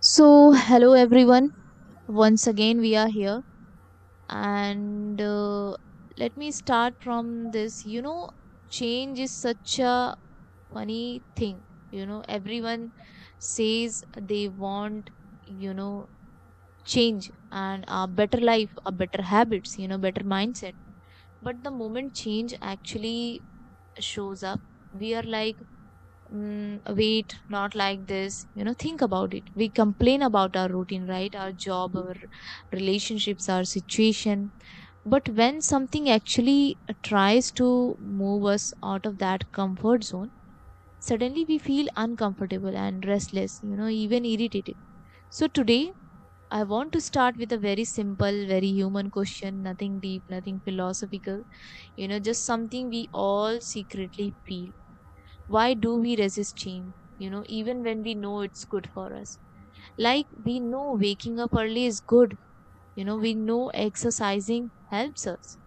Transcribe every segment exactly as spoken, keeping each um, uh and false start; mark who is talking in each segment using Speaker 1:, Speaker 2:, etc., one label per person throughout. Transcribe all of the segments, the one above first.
Speaker 1: So, hello everyone. Once again, we are here, and uh, let me start from this. You know, change is such a funny thing. You know, everyone says they want, you know, change and a better life, a better habits, you know, better mindset. But the moment change actually shows up, we are like, mm, wait, not like this. You know, think about it. We complain about our routine, right? Our job, our relationships, our situation, but when something actually tries to move us out of that comfort zone, suddenly we feel uncomfortable and restless, you know, even irritated. So today I want to start with a very simple, very human question, nothing deep, nothing philosophical, you know, just something we all secretly feel. Why do we resist shame, you know, even when we know it's good for us? Like, we know waking up early is good, you know, we know exercising helps us,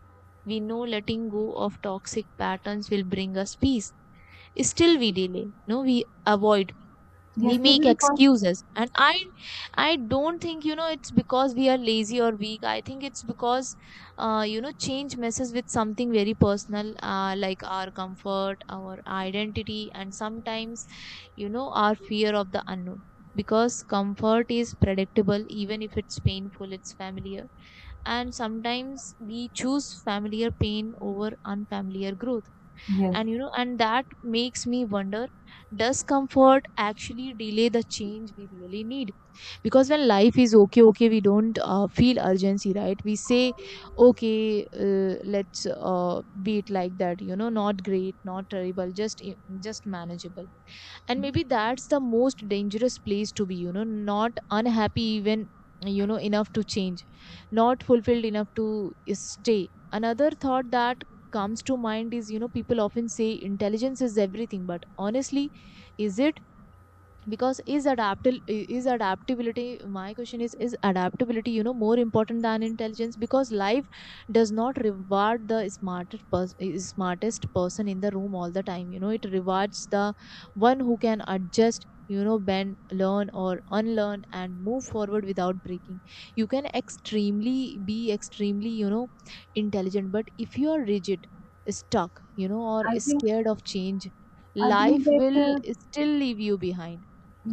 Speaker 1: we know letting go of toxic patterns will bring us peace. Still we delay, no, we avoid, we
Speaker 2: Yes, maybe
Speaker 1: make
Speaker 2: because,
Speaker 1: excuses. And i i don't think, you know, it's because we are lazy or weak. I think it's because uh, you know, change messes with something very personal, uh, like our comfort, our identity, and sometimes, you know, our fear of the unknown. Because comfort is predictable. Even if it's painful, it's familiar. And sometimes we choose familiar pain over unfamiliar growth.
Speaker 2: yes,
Speaker 1: And you know and that makes me wonder, does comfort actually delay the change we really need? Because when life is okay okay, we don't uh, feel urgency, right? We say, okay, uh, let's uh, be it like that, you know, not great, not terrible, just i- just manageable. And maybe that's the most dangerous place to be, you know, not unhappy even, you know, enough to change, not fulfilled enough to uh, stay. Another thought that comes to mind is, you know, people often say intelligence is everything, but honestly, is it? Because is adaptil is adaptability, my question is is adaptability, you know, more important than intelligence? Because life does not reward the smartest pers- smartest person in the room all the time. You know, it rewards the one who can adjust, you know, bend, learn or unlearn, and move forward without breaking. You can extremely be extremely, you know, intelligent, but if you are rigid, stuck, you know, or
Speaker 2: I think
Speaker 1: scared of change,
Speaker 2: I believe
Speaker 1: life
Speaker 2: that
Speaker 1: will
Speaker 2: uh,
Speaker 1: still leave you behind.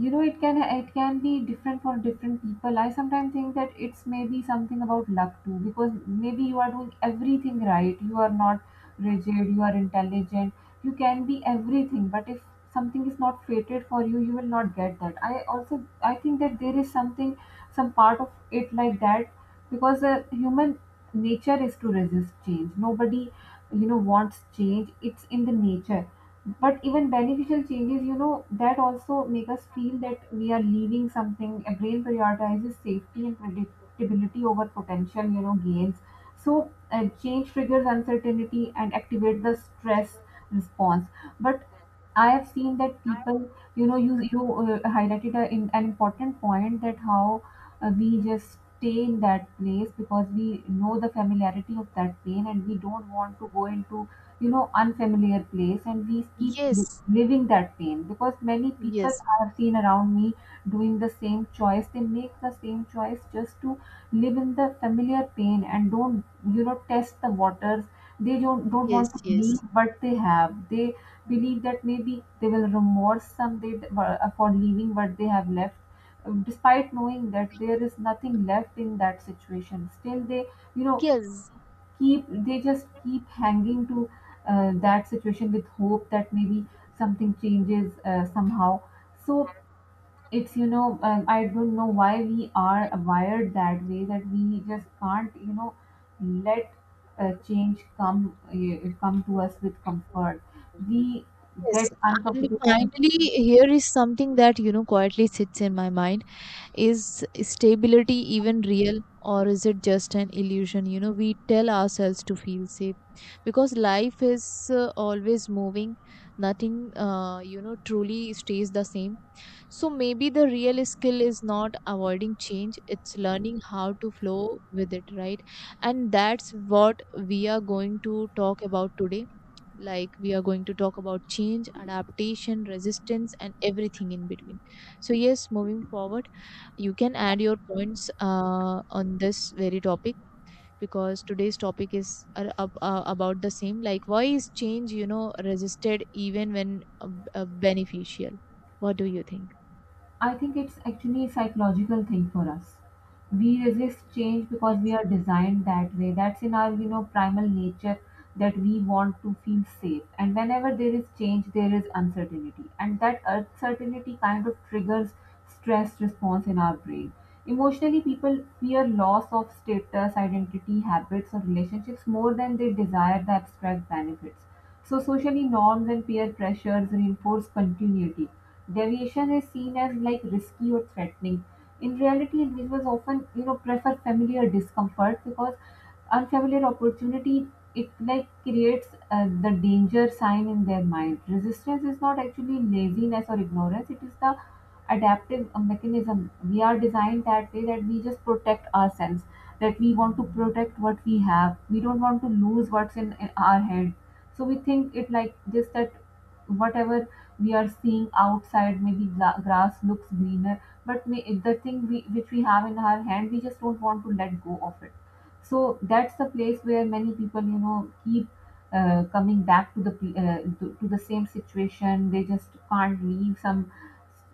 Speaker 2: you know it can it can be different for different people. I sometimes think that it's maybe something about luck too, because maybe you are doing everything right, you are not rigid, you are intelligent, you can be everything, but if something is not fated for you, you will not get that. I also i think that there is something, some part of it like that, because uh, human nature is to resist change. Nobody, you know, wants change. It's in the nature. But even beneficial changes, you know, that also make us feel that we are leaving something. A brain prioritizes safety and predictability over potential, you know, gains. So uh, change triggers uncertainty and activate the stress response. But I have seen that people, you know, you you uh, highlighted a, in, an important point, that how uh, we just stay in that place because we know the familiarity of that pain, and we don't want to go into, you know, unfamiliar place, and we keep
Speaker 1: Yes,
Speaker 2: li- living that pain, because many people
Speaker 1: yes,
Speaker 2: I have seen around me doing the same choice. They make the same choice just to live in the familiar pain and don't, you know, test the waters. They don't don't
Speaker 1: yes,
Speaker 2: want to leave,
Speaker 1: yes,
Speaker 2: but they have they believe that maybe they will remorse someday th- for uh, for leaving what they have left, uh, despite knowing that there is nothing left in that situation. Still they, you know,
Speaker 1: yes,
Speaker 2: keep, they just keep hanging to uh, that situation with hope that maybe something changes uh, somehow. So it's, you know, um, I don't know why we are wired that way, that we just can't, you know, let uh, change come uh, come to us with comfort. We get
Speaker 1: yes. And
Speaker 2: uncomfortable.
Speaker 1: finally, here is something that, you know, quietly sits in my mind. Is stability even real, or is it just an illusion? You know, we tell ourselves to feel safe because life is uh, always moving. Nothing, uh, you know, truly stays the same. So maybe the real skill is not avoiding change, it's learning how to flow with it, right? And that's what we are going to talk about today. Like, we are going to talk about change, adaptation, resistance, and everything in between. So, yes, moving forward, you can add your points uh, on this very topic, because today's topic is uh, ab- uh, about the same. Like, why is change, you know, resisted even when uh, b- uh, beneficial? What do you think?
Speaker 2: I think it's actually a psychological thing for us. We resist change because we
Speaker 1: Yes.
Speaker 2: are designed that way. That's in our, you know, primal nature, that we want to feel safe, and whenever there is change there is uncertainty, and that uncertainty kind of triggers stress response in our brain. Emotionally, people fear loss of status, identity, habits, or relationships more than they desire the abstract benefits. So, socially, norms and peer pressures reinforce continuity. Deviation is seen as like risky or threatening. In reality, individuals often, you know, prefer familiar discomfort because unfamiliar opportunity, it like creates uh, the danger sign in their mind. Resistance is not actually laziness or ignorance, it is the adaptive uh, mechanism. We are designed that way, that we just protect ourselves, that we want to protect what we have. We don't want to lose what's in, in our head. So we think it like this, that whatever we are seeing outside, maybe gla- grass looks greener, but may, if the thing we, which we have in our hand, we just don't want to let go of it. So that's the place where many people, you know, keep uh, coming back to the pe- uh, to, to the same situation. They just can't leave some,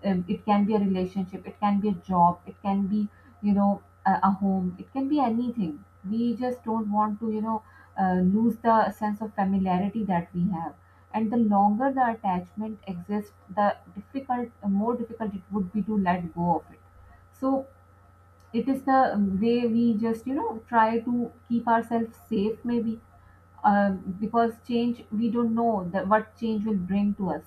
Speaker 2: um, it can be a relationship, it can be a job, it can be, you know, a, a home, it can be anything. We just don't want to, you know, uh, lose the sense of familiarity that we have. And the longer the attachment exists, the difficult more difficult it would be to let go of it. So it is the, um, way we just, you know, try to keep ourselves safe maybe, um, because change, we don't know that what change will bring to us.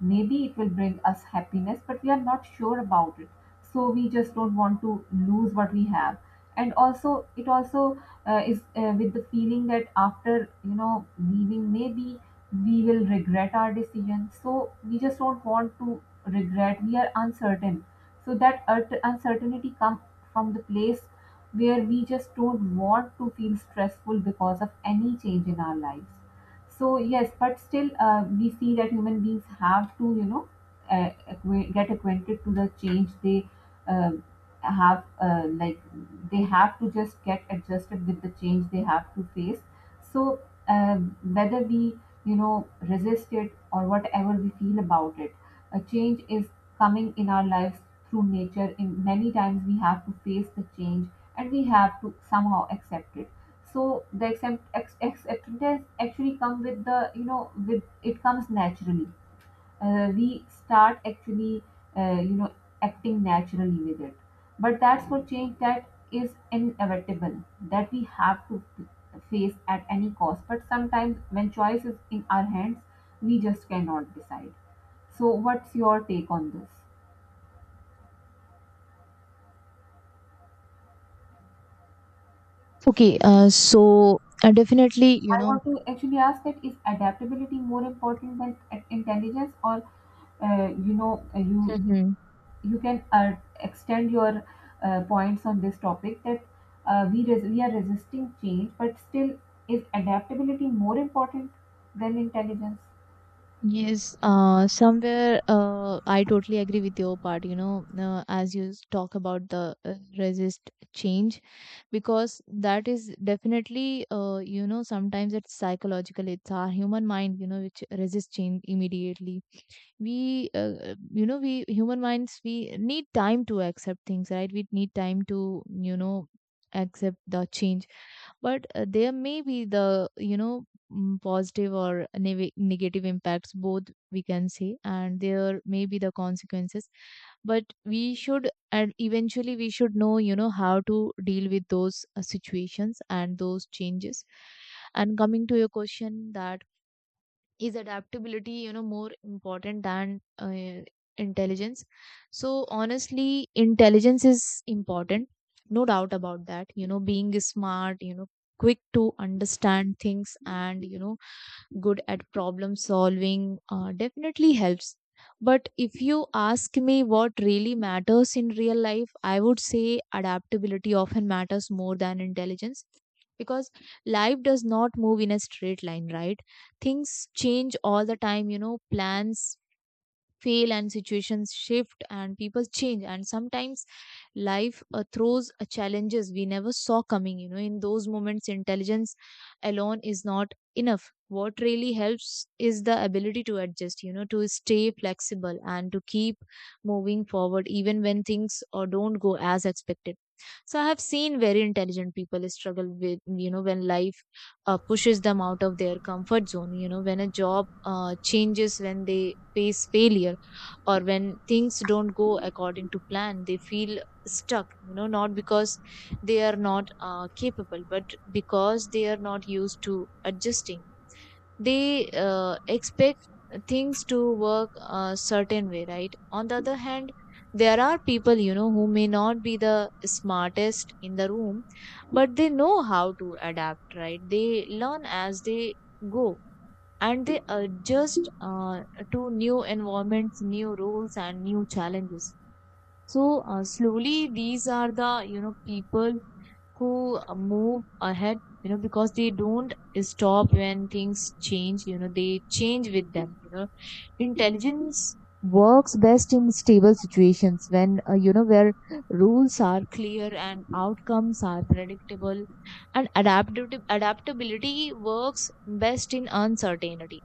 Speaker 2: Maybe it will bring us happiness, but we are not sure about it. So we just don't want to lose what we have. And also it also uh, is uh, with the feeling that after, you know, leaving maybe we will regret our decision. So we just don't want to regret, we are uncertain. So that ur- uncertainty comes from the place where we just don't want to feel stressful because of any change in our lives. So yes, but still uh, we see that human beings have to, you know, uh, acqua- get acquainted to the change. They uh, have uh, like they have to just get adjusted with the change they have to face. So, um, whether we, you know, resist it or whatever we feel about it, a change is coming in our lives through nature. In many times we have to face the change, and we have to somehow accept it. So the accept, ex, acceptance actually come with the, you know, with it comes naturally. Uh, we start actually, uh, you know acting naturally with it. But that's for change that is inevitable, that we have to face at any cost. But sometimes when choice is in our hands, we just cannot decide. So, what's your take on this?
Speaker 1: Okay, uh, so uh, definitely, you
Speaker 2: I
Speaker 1: know,
Speaker 2: want to actually ask that is adaptability more important than i- intelligence, or uh, you know, uh, you
Speaker 1: hmm,
Speaker 2: you can uh, extend your uh, points on this topic, that uh, we res- we are resisting change, but still, is adaptability more important than intelligence?
Speaker 1: yes, uh, somewhere uh, I totally agree with your part, you know, uh, as you s- talk about the uh, resist change, because that is definitely, uh, you know, sometimes it's psychological, it's our human mind, you know, which resists change immediately. We, uh, you know, we human minds, we need time to accept things, right? We need time to, you know, accept the change. But uh, there may be the, you know, mm, positive or neg- negative impacts, both we can say, and there may be the consequences, but we should, and eventually we should know, you know, how to deal with those uh, situations and those changes. And coming to your question, that is adaptability, you know, more important than uh, intelligence? So honestly, intelligence is important, no doubt about that. You know, being smart, you know, quick to understand things, and you know, good at problem solving, uh, definitely helps. But if you ask me what really matters in real life, I would say adaptability often matters more than intelligence, because life does not move in a straight line, right? Things change all the time, you know, plans fail and situations shift and people change, and sometimes life uh, throws uh, challenges we never saw coming. You know, in those moments, intelligence alone is not enough. What really helps is the ability to adjust, you know, to stay flexible and to keep moving forward even when things or don't go as expected. So I have seen very intelligent people struggle with, you know, when life uh, pushes them out of their comfort zone, you know, when a job uh, changes, when they face failure or when things don't go according to plan, they feel stuck, you know, not because they are not uh, capable, but because they are not used to adjusting. They uh, expect things to work a certain way, right? On the other hand, there are people, you know, who may not be the smartest in the room, but they know how to adapt, right? They learn as they go, and they adjust uh, to new environments, new rules, and new challenges. So uh, slowly, these are the, you know, people who uh, move ahead, you know, because they don't stop when things change, you know, they change with them, you know. Intelligence works best in stable situations when, uh, you know, where rules are clear and outcomes are predictable, and adaptability, adaptability works best in uncertainty.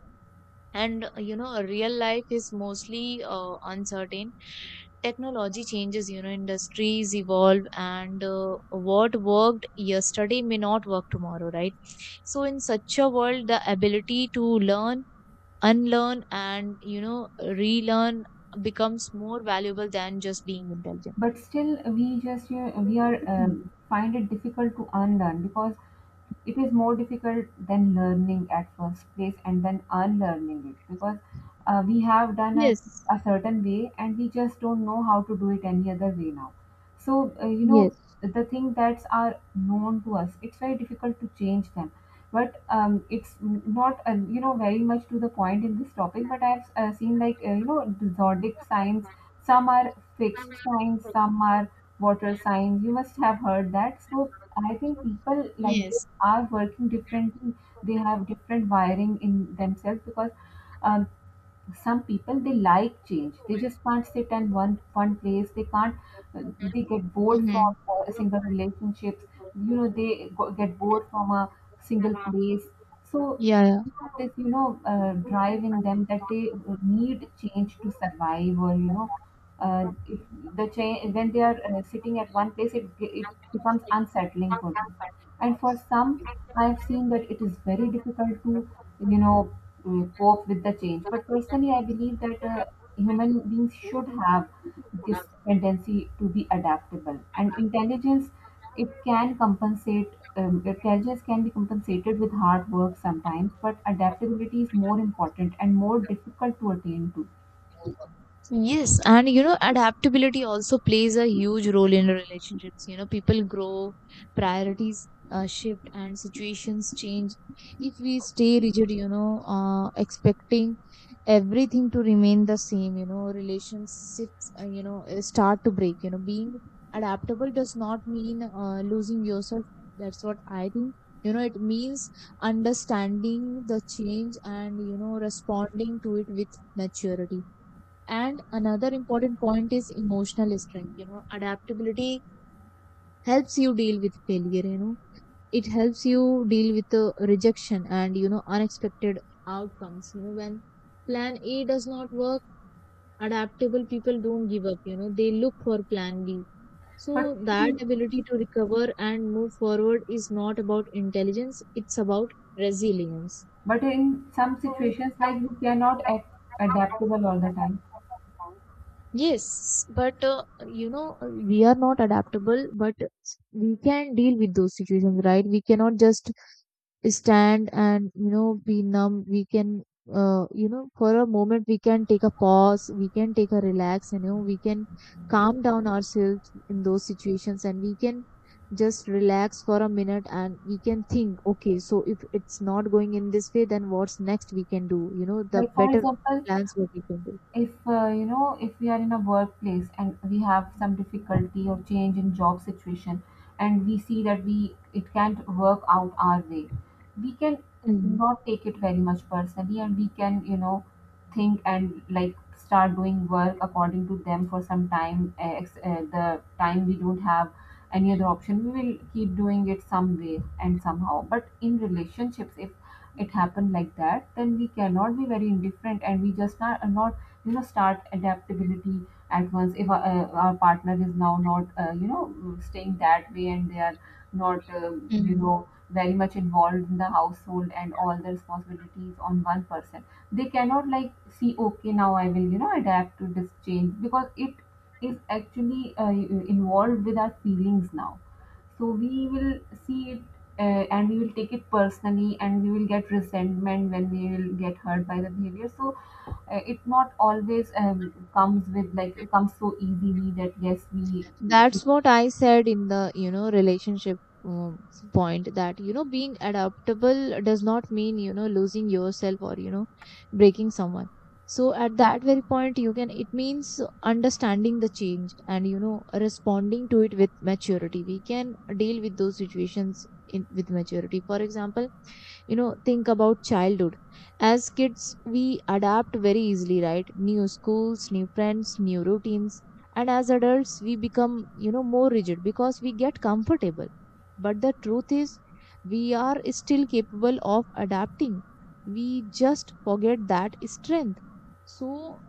Speaker 1: And, uh, you know, real life is mostly uh, uncertain. Technology changes, you know, industries evolve, and uh, what worked yesterday may not work tomorrow, right? So in such a world, the ability to learn, unlearn, and you know, relearn becomes more valuable than just being intelligent.
Speaker 2: But still we just, you know, we are,
Speaker 1: Mhm.
Speaker 2: um, find it difficult to unlearn, because it is more difficult than learning at first place, and then unlearning it, because uh, we have done a,
Speaker 1: Yes,
Speaker 2: a certain way, and we just don't know how to do it any other way now. So uh, you know,
Speaker 1: yes,
Speaker 2: the thing that's are known to us, it's very difficult to change them. But um, it's not, uh, you know, very much to the point in this topic, but I've uh, seen like, uh, you know, the zodiac signs, some are fixed signs, some are water signs. You must have heard that. So I think people like this
Speaker 1: yes.
Speaker 2: are working differently. They have different wiring in themselves, because, um, some people they like change. They just can't sit in one one place. They can't. uh, They get bored
Speaker 1: Hmm.
Speaker 2: from uh, single relationships. You know they go, get bored from a single place. So they
Speaker 1: Yeah,
Speaker 2: have this, you know, uh, drive in them, that they need change to survive, or you know, uh, if the change, when they are uh, sitting at one place, it ge- it becomes unsettling for them. And for some, I have seen that it is very difficult to, you know, uh, cope with the change. But personally, I believe that uh, human beings should have this tendency to be adaptable, and intelligence, it can compensate, um, intelligence can be compensated with hard work sometimes, but adaptability is more important and more difficult to attain to.
Speaker 1: yeah. Yes, and you know, adaptability also plays a huge role in relationships. You know, people grow, priorities uh, shift, and situations change. If we stay rigid, you know, uh, expecting everything to remain the same, you know, relationships, uh, you know, uh, start to break. You know, being adaptable does not mean uh, losing yourself. That's what I think. You know, it means understanding the change and, you know, responding to it with maturity. And another important point is emotional strength. You know, adaptability helps you deal with failure, you know, it helps you deal with the rejection and, you know, unexpected outcomes. You know, when plan A does not work, adaptable people don't give up, you know, they look for plan B.
Speaker 2: But
Speaker 1: So that
Speaker 2: in,
Speaker 1: ability to recover and move forward is not about intelligence, it's about resilience.
Speaker 2: but in some situations, like, we cannot act adaptable all the time.
Speaker 1: Yes, but uh, you know, we are not adaptable, but we can deal with those situations, right? We cannot just stand and, you know, be numb. We can, uh, you know, for a moment, we can take a pause, we can take a relax, you know, we can calm down ourselves in those situations, and we can just relax for a minute, and we can think, okay, so if it's not going in this way, then what's next we can do, you know, the
Speaker 2: Like for
Speaker 1: better
Speaker 2: example,
Speaker 1: plans what we can do.
Speaker 2: if, uh, you know, if we are in a workplace and we have some difficulty or change in job situation, and we see that we it can't work out our way, we can not take it very much personally, and we can, you know, think and like start doing work according to them for some time, uh, ex- uh, the time we don't have any other option, we will keep doing it some way and somehow. But in relationships, if it happened like that, then we cannot be very indifferent, and we just not, not, you know, start adaptability at once. If our, uh, our partner is now not, uh, you know, staying that way, and they are not, uh, you
Speaker 1: Mhm.
Speaker 2: know, very much involved in the household, and all the responsibilities on one person, they cannot like see, okay, now I will, you know, adapt to this change, because it is actually uh, involved with our feelings now. So we will see it, uh, and we will take it personally, and we will get resentment, when we will get hurt by the behavior. So uh, it not always, um, comes with like, comes so easily that yes we.
Speaker 1: That's what I said in the, you know, relationship um, point, that you know, being adaptable does not mean, you know, losing yourself or you know, breaking someone. So at that very point, you can, it means understanding the change and you know, responding to it with maturity. We can deal with those situations in with maturity. For example, you know, think about childhood. As kids, we adapt very easily, right? New schools, new friends, new routines. And as adults, we become, you know, more rigid because we get comfortable. But the truth is, we are still capable of adapting, we just forget that strength. So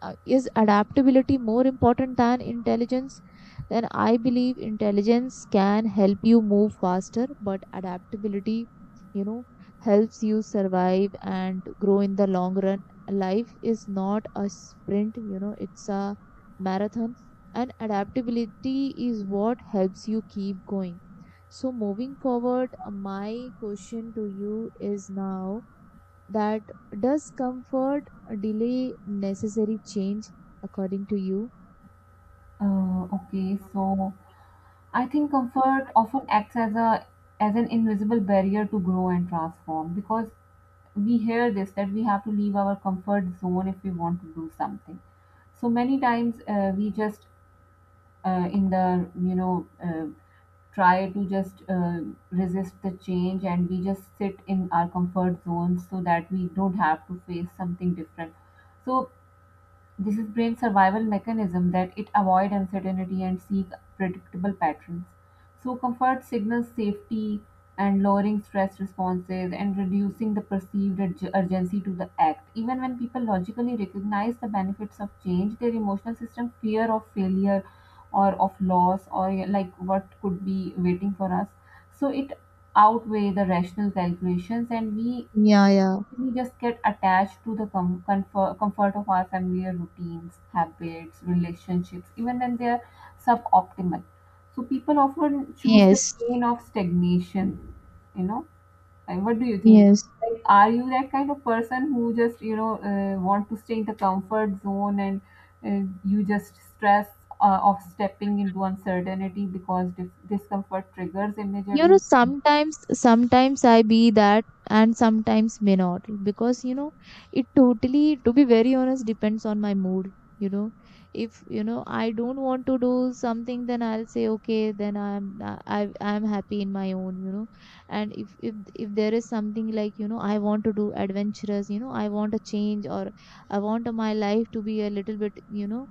Speaker 1: uh, is adaptability more important than intelligence? Then I believe intelligence can help you move faster, but adaptability, you know, helps you survive and grow in the long run. Life is not a sprint, you know, it's a marathon, and adaptability is what helps you keep going. So, moving forward, uh, my question to you is now that, does comfort delay necessary change according to you?
Speaker 2: uh, Okay, so I think comfort often acts as a, as an invisible barrier to grow and transform, because we hear this, that we have to leave our comfort zone if we want to do something. So many times, uh, we just uh, in the, you know, uh, try to just uh, resist the change, and we just sit in our comfort zones, so that we don't have to face something different. So this is brain survival mechanism, that it avoid uncertainty and seek predictable patterns. So comfort signals safety and lowering stress responses and reducing the perceived urg- urgency to the act. Even when people logically recognize the benefits of change, their emotional system, fear of failure or of loss, or like what could be waiting for us. So it outweigh the rational calculations, and we
Speaker 1: Yeah, yeah.
Speaker 2: we just get attached to the com- comfort, comfort of our familiar routines, habits, relationships, even when they are suboptimal. So people often choose the
Speaker 1: Yes,
Speaker 2: pain of stagnation. You know, and what do you think?
Speaker 1: yes.
Speaker 2: Like, are you that kind of person who just you know uh, want to stay in the comfort zone and uh, you just stress uh, of stepping into uncertainty because dis- discomfort triggers immediate.
Speaker 1: You know, sometimes sometimes i be that and sometimes may not, because you know, it totally, to be very honest, depends on my mood. You know, if you know I don't want to do something, then I'll say okay, then i'm i I- i'm happy in my own, you know. And if if if there is something like you know I want to do adventurous, you know I want a change, or I want uh, my life to be a little bit, you know,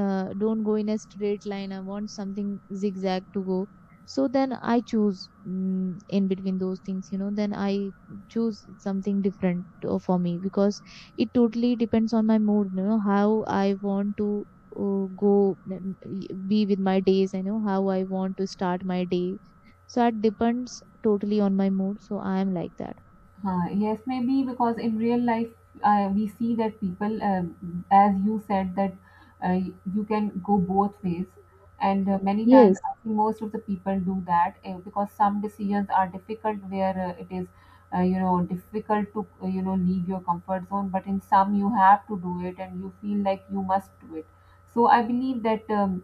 Speaker 1: uh, don't go in a straight line, I want something zigzag to go. So then I choose, mm, in between those things, you know, then I choose something different uh, for me, because it totally depends on my mood, you know, how I want to uh, go, mm, be with my days, you know, how I want to start my day. So it depends totally on my mood, so I am like that.
Speaker 2: Uh, yes, maybe because in real life, uh, we see that people, um as you said, that uh, you can go both ways. And uh, many times,
Speaker 1: Yes.
Speaker 2: I think most of the people do that uh, because some decisions are difficult where uh, it is, uh, you know, difficult to, uh, you know, leave your comfort zone. But in some, you have to do it and you feel like you must do it. So I believe that um,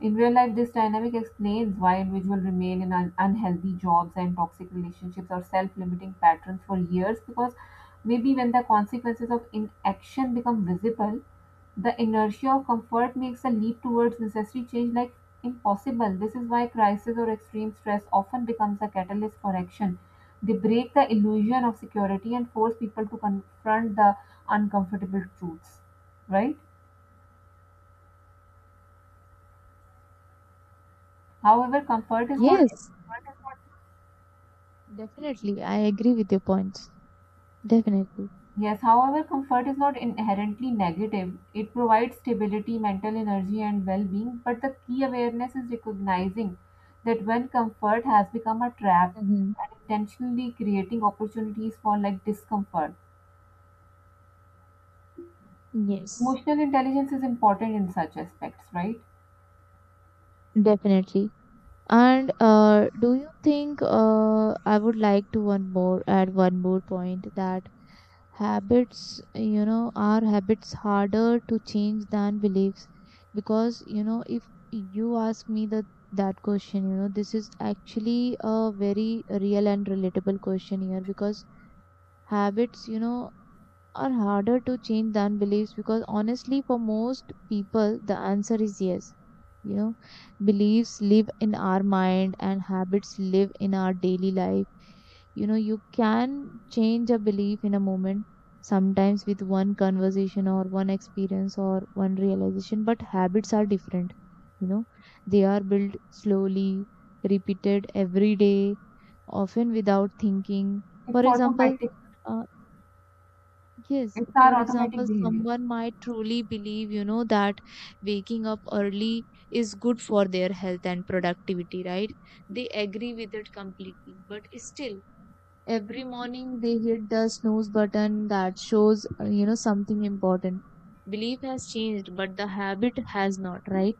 Speaker 2: in real life, this dynamic explains why individuals remain in un- unhealthy jobs and toxic relationships or self limiting patterns for years, because maybe when the consequences of inaction become visible, the inertia of comfort makes a leap towards necessary change like impossible. This is why crisis or extreme stress often becomes a catalyst for action. They break the illusion of security and force people to confront the uncomfortable truths, right? However, comfort is
Speaker 1: No,
Speaker 2: not.
Speaker 1: yes, definitely I agree with your points. Definitely.
Speaker 2: Yes, however, comfort is not inherently negative. It provides stability, mental energy, and well being. But the key awareness is recognizing that when comfort has become a trap,
Speaker 1: Hmm.
Speaker 2: and intentionally creating opportunities for like discomfort.
Speaker 1: Yes,
Speaker 2: Emotional intelligence is important in such aspects, right?
Speaker 1: definitely. And uh, do you think uh, I would like to one more add one more point that habits, you know, are habits harder to change than beliefs? Because you know, if you ask me that that question, you know, this is actually a very real and relatable question here. Because habits, you know, are harder to change than beliefs, because honestly for most people the answer is yes. You know, beliefs live in our mind and habits live in our daily life. You know, you can change a belief in a moment, sometimes with one conversation or one experience or one realization, but habits are different. You know, they are built slowly, repeated every day, often without thinking.
Speaker 2: It's
Speaker 1: For example
Speaker 2: automatic,
Speaker 1: uh, Yes,
Speaker 2: it's our
Speaker 1: for
Speaker 2: automatic
Speaker 1: example,
Speaker 2: behavior.
Speaker 1: someone might truly believe, you know, that waking up early is good for their health and productivity, right? They agree with it completely, but still, every morning they hit the snooze button. That shows, uh, you know, something important. Belief has changed, but the habit has not, right?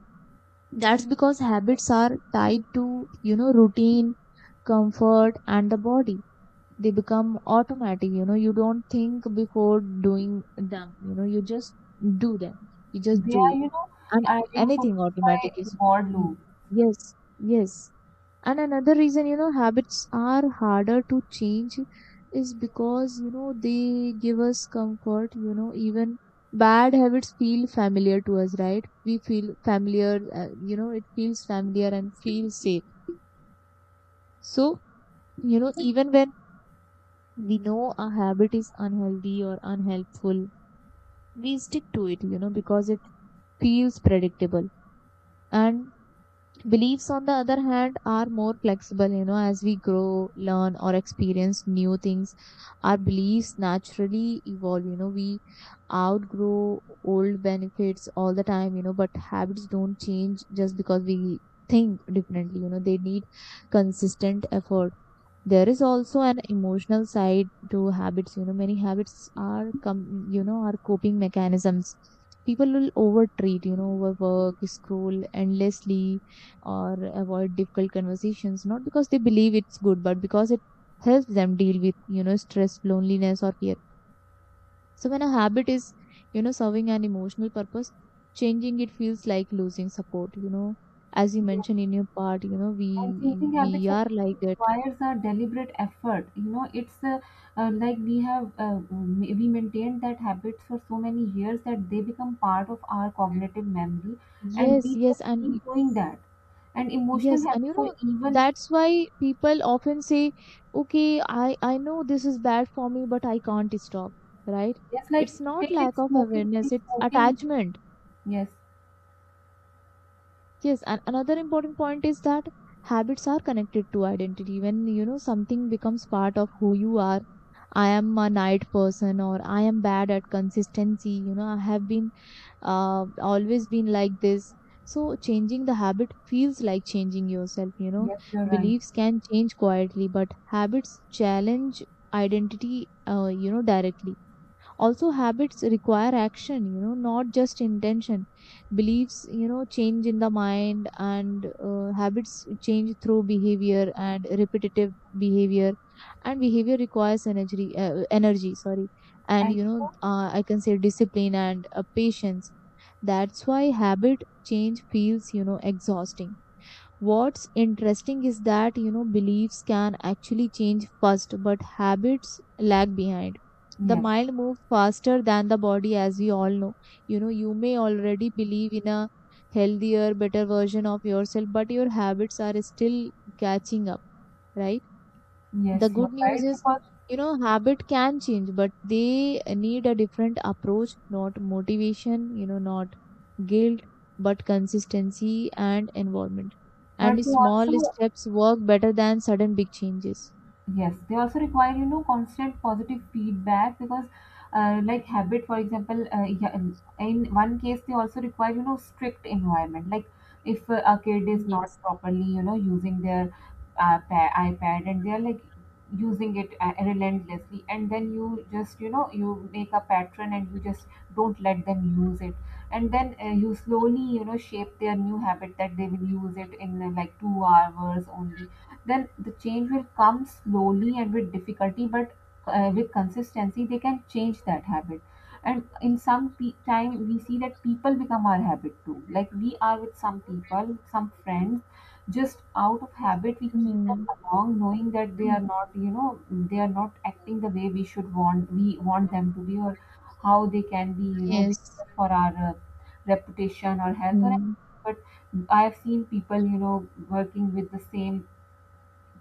Speaker 1: That's because habits are tied to, you know, routine, comfort, and the body. They become automatic. You know, you don't think before doing them, you know, you just do them, you just
Speaker 2: They
Speaker 1: do
Speaker 2: are,
Speaker 1: it.
Speaker 2: you know,
Speaker 1: And
Speaker 2: are reinforced
Speaker 1: anything automatic
Speaker 2: by
Speaker 1: is.
Speaker 2: reward
Speaker 1: Mm,
Speaker 2: loop.
Speaker 1: yes, yes. And another reason, you know, habits are harder to change is because you know, they give us comfort. You know, even bad habits feel familiar to us, right? We feel familiar, uh, you know, it feels familiar and feels safe. So you know, even when we know a habit is unhealthy or unhelpful, we stick to it, you know, because it feels predictable. And beliefs, on the other hand, are more flexible. You know, as we grow, learn, or experience new things, our beliefs naturally evolve. You know, we outgrow old benefits all the time, you know, but habits don't change just because we think differently. You know, they need consistent effort. There is also an emotional side to habits. You know, many habits are come, you know, are coping mechanisms. People will overtreat, you know, overwork, scroll endlessly, or avoid difficult conversations, not because they believe it's good, but because it helps them deal with, you know, stress, loneliness, or fear. So when a habit is, you know, serving an emotional purpose, changing it feels like losing support. You know, as you mentioned in your part, you know,
Speaker 2: And changing
Speaker 1: we we
Speaker 2: habits
Speaker 1: are like
Speaker 2: actually
Speaker 1: that.
Speaker 2: requires a deliberate effort you know it's uh, uh, like we have uh, ma- we maintained that habits for so many years that they become part of our cognitive memory, and
Speaker 1: Yes,
Speaker 2: we
Speaker 1: yes.
Speaker 2: just
Speaker 1: And
Speaker 2: keep doing that. And emotional
Speaker 1: yes, and you
Speaker 2: habits are
Speaker 1: know,
Speaker 2: even
Speaker 1: that's why people often say, okay, I, I know this is bad for me, but I can't stop, right?
Speaker 2: just like,
Speaker 1: It's not
Speaker 2: take it
Speaker 1: lack of
Speaker 2: smoking,
Speaker 1: awareness,
Speaker 2: take
Speaker 1: it's
Speaker 2: smoking.
Speaker 1: attachment.
Speaker 2: Yes,
Speaker 1: Yes, and another important point is that habits are connected to identity. When, you know, something becomes part of who you are, I am a night person or I am bad at consistency, you know, I have been uh, always been like this. So changing the habit feels like changing yourself, you know.
Speaker 2: yes, you're right.
Speaker 1: Beliefs can change quietly, but habits challenge identity, uh, you know, directly. Also, habits require action, you know, not just intention. Beliefs, you know, change in the mind, and uh, habits change through behavior and repetitive behavior. And behavior requires energy, uh, energy, sorry. And,
Speaker 2: And
Speaker 1: you know, uh, I can say discipline and uh, patience. That's why habit change feels, you know, exhausting. What's interesting is that, you know, beliefs can actually change first, but habits lag behind. The
Speaker 2: yes,
Speaker 1: mind moves faster than the body, as we all know. You know, you may already believe in a healthier, better version of yourself, but your habits are still catching up, right?
Speaker 2: yes,
Speaker 1: The
Speaker 2: you're
Speaker 1: good news
Speaker 2: right
Speaker 1: is,
Speaker 2: because,
Speaker 1: you know, habit can change, but they need a different approach, not motivation, you know, not guilt, but consistency and environment.
Speaker 2: but
Speaker 1: And
Speaker 2: they
Speaker 1: small
Speaker 2: also.
Speaker 1: steps work better than sudden big changes.
Speaker 2: Yes, they also require you know constant positive feedback because, uh, like habit, for example, uh, yeah, in in one case they also require you know strict environment. Like if uh, a kid is not
Speaker 1: Yes.
Speaker 2: properly you know using their uh, pa- iPad and they are like using it uh, relentlessly, and then you just you know you make a pattern and you just don't let them use it, and then uh, you slowly you know shape their new habit that they will use it in uh, like two hours only. Then the change will come slowly and with difficulty, but uh, with consistency they can change that habit. And in some pe- time we see that people become our habit too, like we are with some people, some friends, just out of habit we keep
Speaker 1: Mhm.
Speaker 2: them along, knowing that they are not, you know they are not acting the way we should want we want them to be, or how they can be you know
Speaker 1: Yes.
Speaker 2: dangerous for our uh, reputation or health or
Speaker 1: Mm.
Speaker 2: anything. But I have seen people, you know working with the same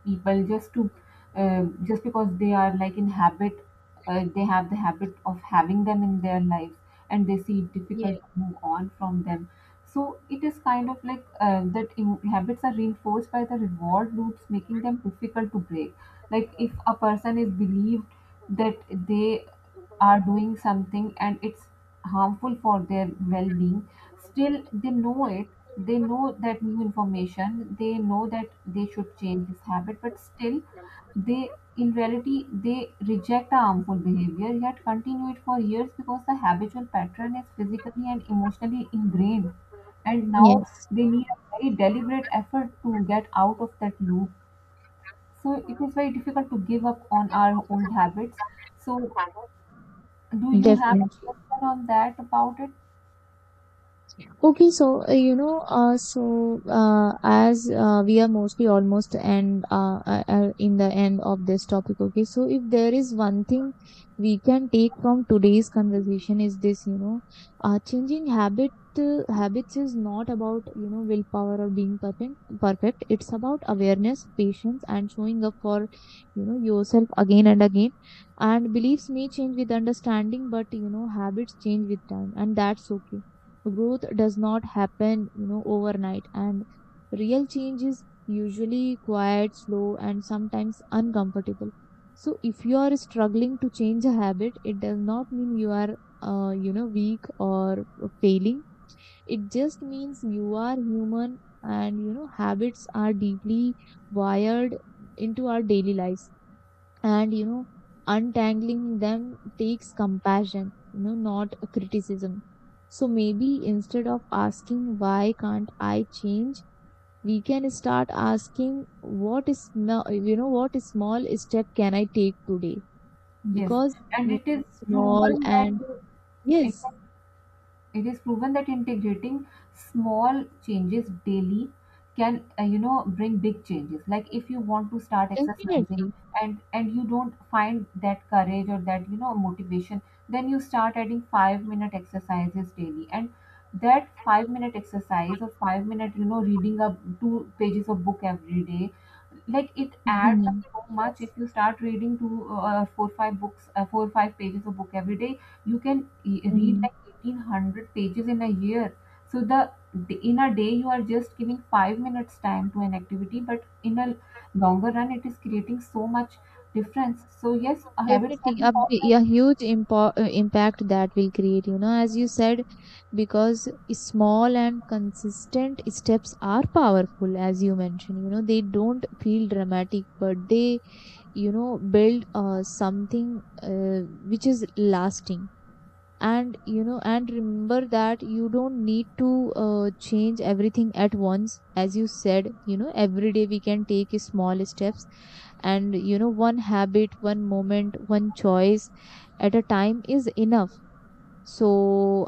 Speaker 2: people, just to, uh, just because they are like in habit, uh, they have the habit of having them in their lives, and they see it difficult
Speaker 1: Yes.
Speaker 2: to move on from them. So it is kind of like uh, that in- habits are reinforced by the reward loops, making them difficult to break. Like if a person is believed that they are doing something and it's harmful for their well-being, still they know it, they know that new information, they know that they should change this habit, but still they, in reality, they reject a harmful behavior yet continue it for years because the habitual pattern is physically and emotionally ingrained, and now
Speaker 1: Yes,
Speaker 2: they need a very deliberate effort to get out of that loop. So it is very difficult to give up on our old habits. So do you have a
Speaker 1: definitely.
Speaker 2: question on that about it?
Speaker 1: Okay, so uh, you know, uh, so uh, as uh, we are mostly almost end uh, uh, uh, in the end of this topic. Okay, so if there is one thing we can take from today's conversation is this, you know, uh, changing habit uh, habits is not about you know willpower or being perfect. Perfect, it's about awareness, patience, and showing up for, you know, yourself again and again. And beliefs may change with understanding, but you know, habits change with time, and that's okay. Growth does not happen, you know, overnight, and real change is usually quiet, slow, and sometimes uncomfortable. So if you are struggling to change a habit, it does not mean you are uh, you know, weak or failing. It just means you are human, and you know, habits are deeply wired into our daily lives, and you know, untangling them takes compassion, you know, not a criticism. So maybe instead of asking why can't I change, we can start asking what is sm- you know, what small step can I take today?
Speaker 2: Yes,
Speaker 1: Because
Speaker 2: and
Speaker 1: you
Speaker 2: it is
Speaker 1: know, small
Speaker 2: proven
Speaker 1: and
Speaker 2: that
Speaker 1: yes,
Speaker 2: it is proven that integrating small changes daily can uh, you know bring big changes. Like if you want to start exercising,
Speaker 1: definitely.
Speaker 2: and and you don't find that courage or that you know motivation, then you start adding five minute exercises daily, and that five minute exercise or five minute you know reading up two pages of book every day, like it adds up
Speaker 1: Mhm.
Speaker 2: so much. If
Speaker 1: Yes.
Speaker 2: you start reading two uh, four five books, uh, four or five pages of book every day, you can e- read
Speaker 1: Mm.
Speaker 2: like eighteen hundred pages in a year. So the in a day you are just giving five minutes time to an activity, but in a longer run it is creating so much difference. So yes, a habits can
Speaker 1: Definitely,
Speaker 2: be
Speaker 1: a, bi-
Speaker 2: formed.
Speaker 1: a huge impo- uh, impact that will create, you know, as you said, because small and consistent steps are powerful, as you mentioned. You know, they don't feel dramatic, but they, you know, build uh, something uh, which is lasting. And you know, and remember that you don't need to uh, change everything at once, as you said, you know, every day we can take small steps. And you know, one habit, one moment, one choice at a time is enough. So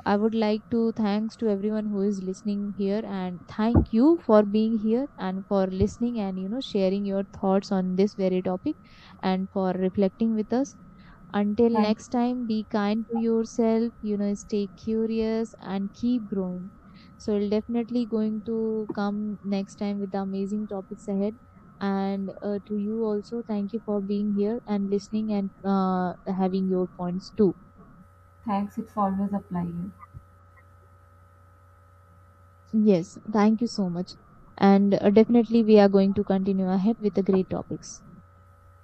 Speaker 1: I would like to thanks to everyone who is listening here, and thank you for being here and for listening, and you know, sharing your thoughts on this very topic, and for reflecting with us. Until
Speaker 2: Thank
Speaker 1: next
Speaker 2: you.
Speaker 1: time, be kind to yourself, you know, stay curious and keep growing. So we'll definitely going to come next time with the amazing topics ahead. And uh, to you also, thank you for being here and listening, and uh, having your points too.
Speaker 2: Thanks, it's always a pleasure.
Speaker 1: Yes, thank you so much. And uh, definitely we are going to continue ahead with the great topics.